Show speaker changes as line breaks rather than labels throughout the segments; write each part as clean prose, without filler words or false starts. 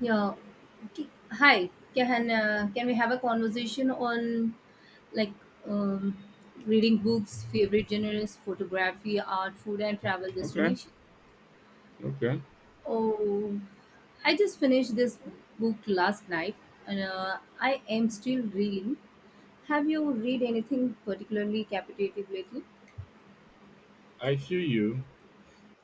Yeah. Hi. Can we have a conversation on like um, reading books, favorite genres, photography, art, food, and travel
Okay,
destination?
okay.
Oh, I just finished this book last night, and I am still reading. Have you read anything particularly captivating lately?
I feel you.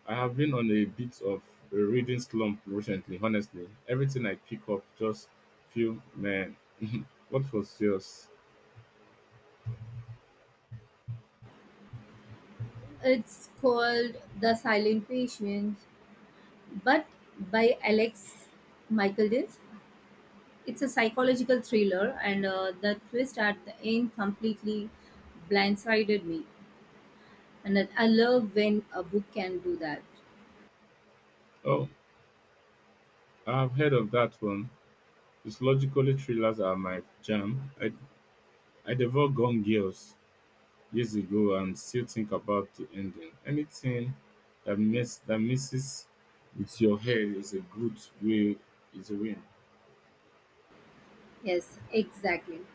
I have been on a bit of a reading slump recently, honestly. Everything I pick up just feel man. What was yours?
It's called The Silent Patient, but by Alex Michaeldis. It's a psychological thriller, and the twist at the end completely blindsided me. And I love when a book can do that.
Oh, I have heard of that one. Psychologically thrillers are my jam. I devoured Gone Girls years ago and still think about the ending. Anything that messes with your head is a win.
Yes, exactly.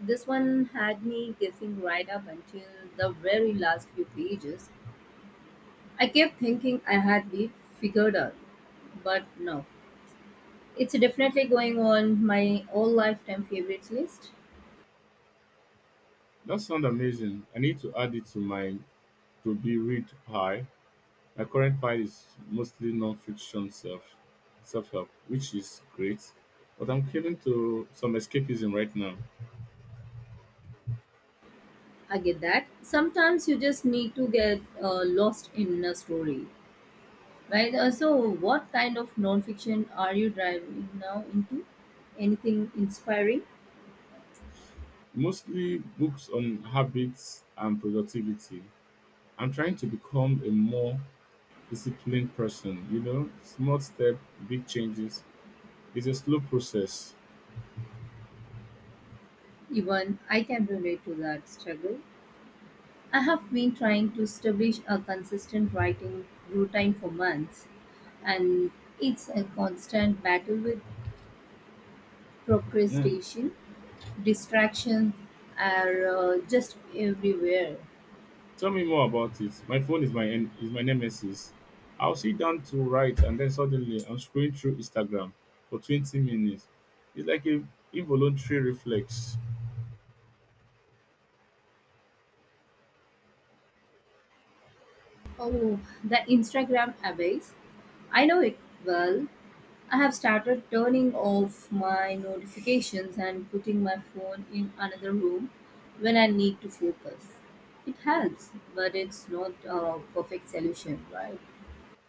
This one had me guessing right up until the very last few pages. I kept thinking I had it figured out, but no. It's definitely going on my all lifetime favorites list.
That sounds amazing. I need to add it to my to be read high. My current pile is mostly non-fiction self-help, which is great, but I'm catering to some escapism right now.
I get that. Sometimes you just need to get lost in a story. Right. So, what kind of nonfiction are you driving now into? Anything inspiring?
Mostly books on habits and productivity. I'm trying to become a more disciplined person. You know, small step, big changes. It's a slow process.
Even I can relate to that struggle. I have been trying to establish a consistent writing routine for months, and it's a constant battle with
Hmm.
procrastination, distractions are just everywhere.
Tell me more about it. My phone is my nemesis. I'll sit down to write and then suddenly I'm scrolling through Instagram for 20 minutes. It's like a involuntary reflex.
Oh, the Instagram abyss. I know it well. I have started turning off my notifications and putting my phone in another room when I need to focus. It helps, but it's not a perfect solution, right?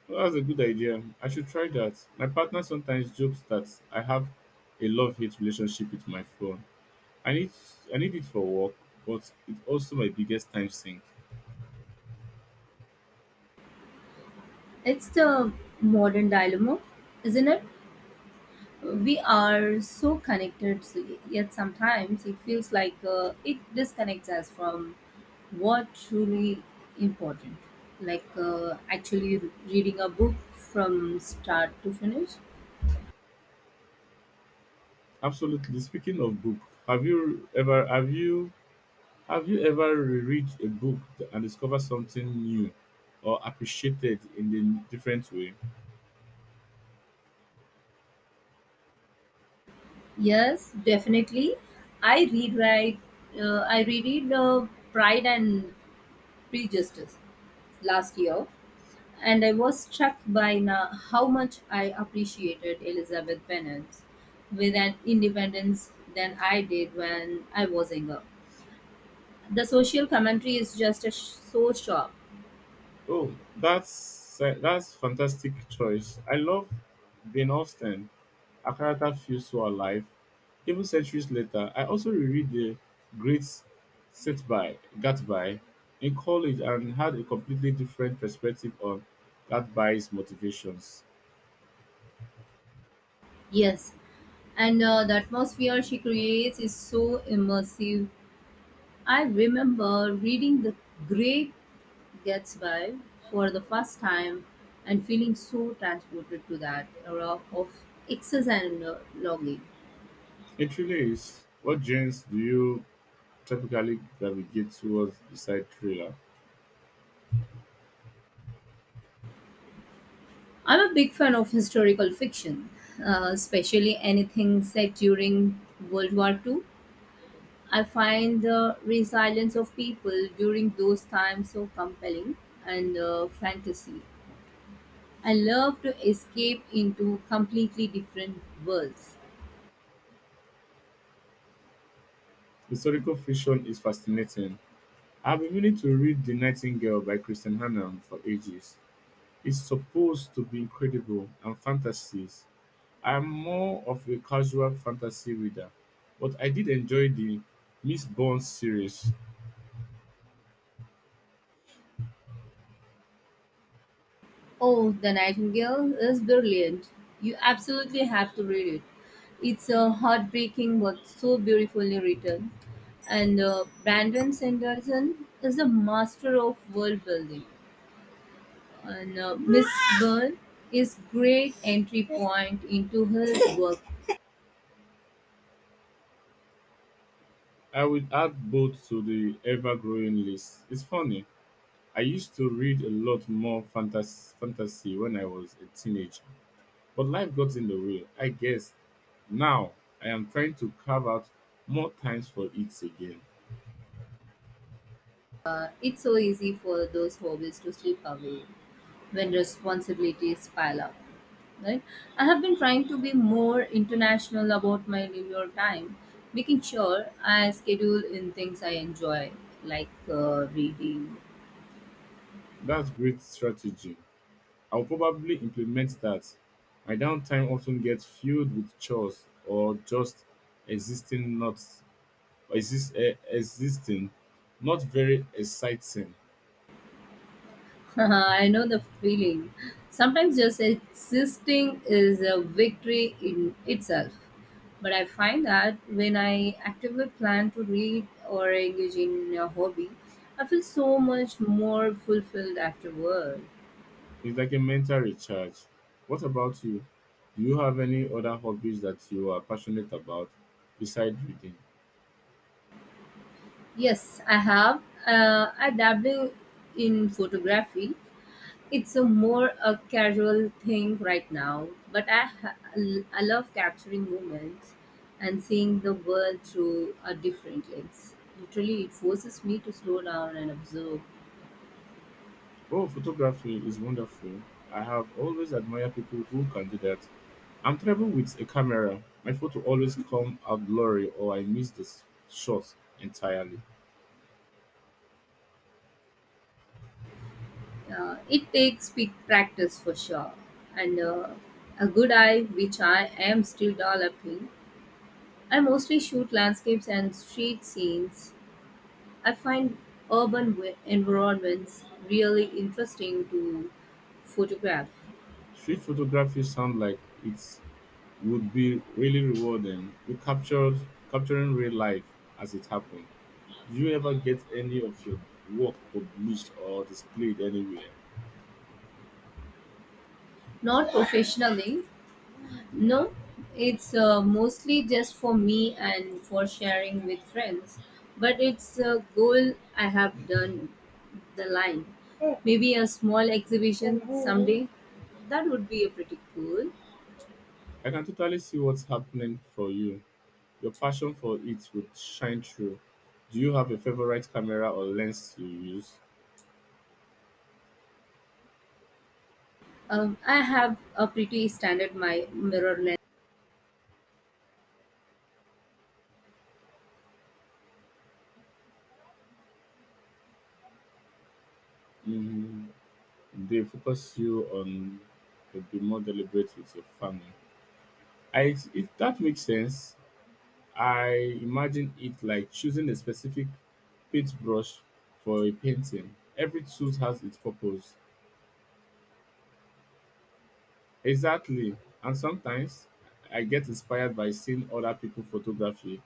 Well, that's a good idea. I should try that. My partner sometimes jokes that I have a love-hate relationship with my phone. I need I need it for work, but it's also my biggest time sink.
It's the modern dilemma, isn't it? We are so connected, so yet sometimes it feels like it disconnects us from what truly important, like actually reading a book from start to finish.
Absolutely. Speaking of book, have you ever have you Have you ever reread a book and discovered something new or appreciated in a different way?
Yes, definitely. I read, I reread Pride and Prejudice last year, and I was struck by na how much I appreciated Elizabeth Bennet with an independence than I did when I was younger. The social commentary is just so sharp.
Oh, that's fantastic choice. I love Jane Austen. Her character feels so alive. Even centuries later, I also reread the Great Set by Gatsby in college and had a completely different perspective on Gatsby's motivations.
Yes, and the atmosphere she creates is so immersive. I remember reading The Great Gatsby for the first time and feeling so transported to that era of excess and logging.
It really is. What genres do you typically gravitate towards beside thriller?
I'm a big fan of historical fiction, especially anything set during World War II. I find the resilience of people during those times so compelling, and fantasy. I love to escape into completely different worlds.
Historical fiction is fascinating. I've been meaning to read The Nightingale by Christian Hannah for ages. It's supposed to be incredible and fantasies. I'm more of a casual fantasy reader, but I did enjoy the Miss Bond series.
Oh, The Nightingale is brilliant. You absolutely have to read it. It's a heartbreaking but so beautifully written. And Brandon Sanderson is a master of world building. And Miss Byrne is great entry point into his work.
I will add both to the ever growing list. It's funny. I used to read a lot more fantasy when I was a teenager. But life got in the way, I guess. Now I am trying to carve out more times for it again.
It's so easy for those hobbies to slip away when responsibilities pile up, right. I have been trying to be more international about my leisure time, making sure I schedule in things I enjoy, like reading.
That's great strategy. I'll probably implement that. My downtime often gets filled with chores or just existing exist, eh, existing, not very exciting.
I know the feeling. Sometimes just existing is a victory in itself. But I find that when I actively plan to read or engage in a hobby, I feel so much more fulfilled afterward.
It's like a mental recharge. What about you? Do you have any other hobbies that you are passionate about besides reading?
Yes, I have. I dabble in photography. It's a more a casual thing right now, but I love capturing moments and seeing the world through a different lens. Literally, it forces me to slow down and observe.
Oh, photography is wonderful. I have always admired people who can do that. I'm terrible with a camera. My photo always come out blurry or I miss the shot entirely.
It takes big practice for sure, and a good eye, which I am still developing. I mostly shoot landscapes and street scenes. I find urban environments really interesting to photograph.
Street photography sounds like it would be really rewarding. You captured capturing real life as it happened. Do you ever get any of your work published or displayed anywhere?
Not professionally, no. It's mostly just for me and for sharing with friends. But it's a goal I have done the line. Maybe a small exhibition someday. That would be a pretty cool.
I can totally see what's happening for you. Your passion for it will shine through. Do you have a favorite camera or lens you use?
I have a pretty standard my mirror lens.
Mm, they focus you on to be more deliberate with your farming. If that makes sense, I imagine it like choosing a specific paintbrush for a painting. Every tool has its purpose. Exactly. And sometimes I get inspired by seeing other people photography.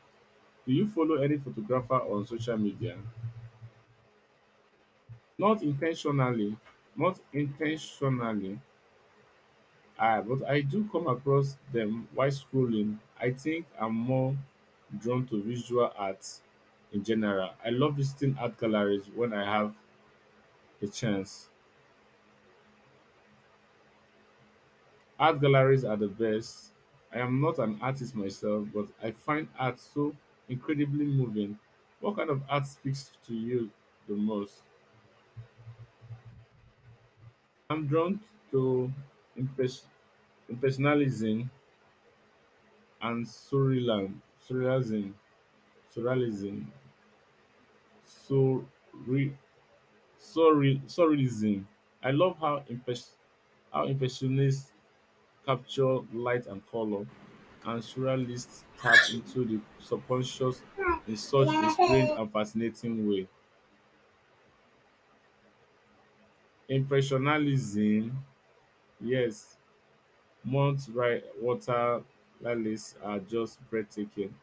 Do you follow any photographer on social media? Not intentionally, not intentionally, but I do come across them while scrolling. I think I'm more drawn to visual arts in general. I love visiting art galleries when I have a chance. Art galleries are the best. I am not an artist myself, but I find art so incredibly moving. What kind of art speaks to you the most? I'm drawn to impress- impressionism and surrealism, surrealism, surre- surrealism. I love how impressionists capture light and color, and surrealists tap into the subconscious in such a strange and fascinating way. Impressionalism, yes, water lilies are just breathtaking.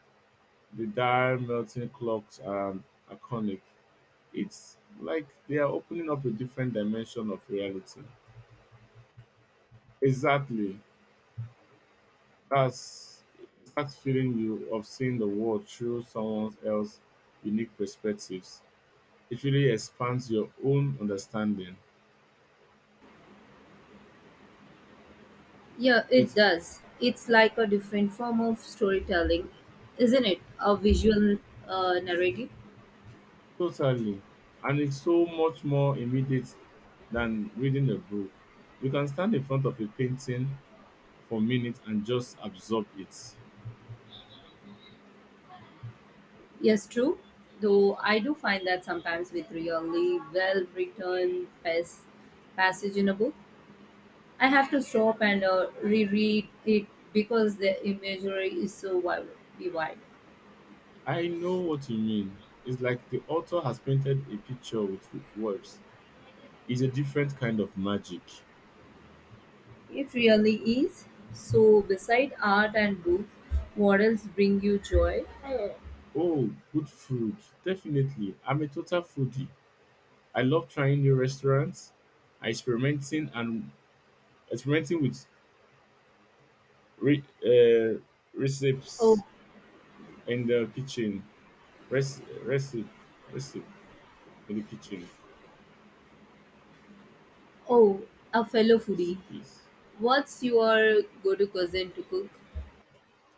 The dire melting clocks are iconic. It's like they are opening up a different dimension of reality. Exactly. That's that feeling you of seeing the world through someone else's unique perspectives. It really expands your own understanding.
Yeah, it
It's
does. It's like a different form of storytelling, isn't it? A visual narrative.
totally, and it's so much more immediate than reading a book. You can stand in front of a painting for minutes and just absorb it.
Yes, true. Though I do find that sometimes with really well written passage in a book, I have to stop and reread it because the imagery is so vivid.
I know what you mean. It's like the author has painted a picture with words. It's a different kind of magic.
It really is. So, beside art and books, what else bring you joy?
Oh, good food. Definitely. I'm a total foodie. I love trying new restaurants, experimenting and experimenting with re- uh,
Oh,
recipes in the kitchen. Rec- recipe, Recipe in the kitchen.
oh, a fellow foodie.
Please.
What's your go-to cousin to cook?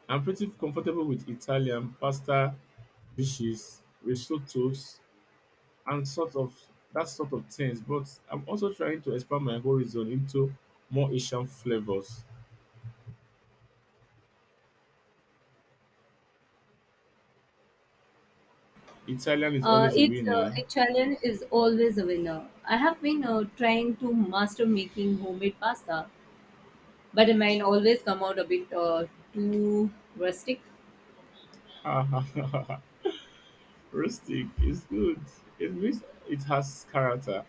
I'm pretty comfortable with Italian pasta dishes, risottos, and that sort of things. But I'm also trying to expand my horizon into more Asian flavors. Italian is
Uh,
always a
it's uh,
winner.
a challenge is always a winner. I have been trying to master making homemade pasta, but mine always come out a bit too rustic.
Ha, ha, ha, ha, ha. Rustic is good. It means it has character.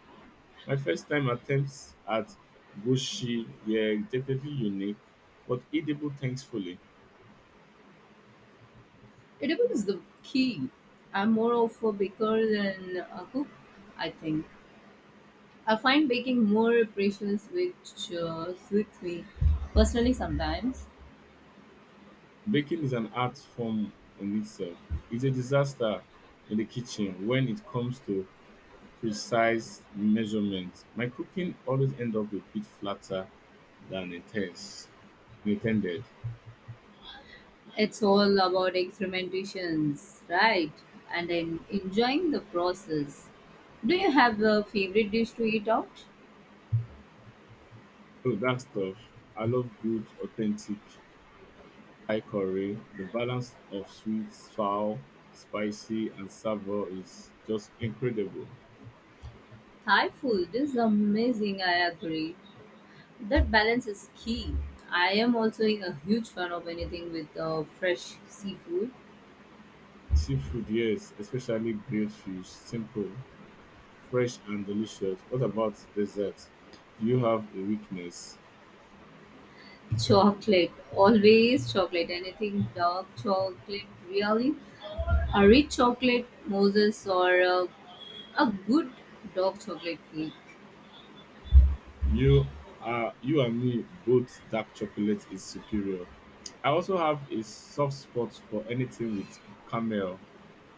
My first time attempts at gushi were definitely unique, but edible thankfully.
It is the key. I'm more of a baker than a cook, I think. I find baking more precious, which suits me personally sometimes.
Baking is an art form in itself. It's a disaster in the kitchen when it comes to precise measurements. My cooking always end up a bit flatter than intense intended.
It's all about experimentations, right? And I'm enjoying the process. Do you have a favorite dish to eat out?
So that stuff. I love good, authentic Thai curry. The balance of sweet, sour, spicy, and savour is just incredible.
Thai food is amazing, I agree. That balance is key. I am also a huge fan of anything with fresh seafood.
Seafood, yes, especially grilled fish, simple, fresh, and delicious. What about dessert? Do you have a weakness?
Chocolate, always chocolate. Anything dark chocolate, really. A rich chocolate, Moses, or a good dark chocolate cake.
You you and me both, dark chocolate is superior. I also have a soft spot for anything with caramel.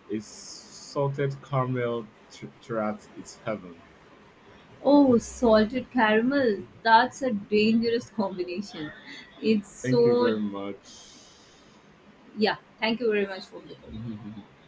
A salted caramel tart is heaven.
Oh, salted caramel. That's a dangerous combination. It's
Thank you
so.
very much.
Yeah, thank you very much for this.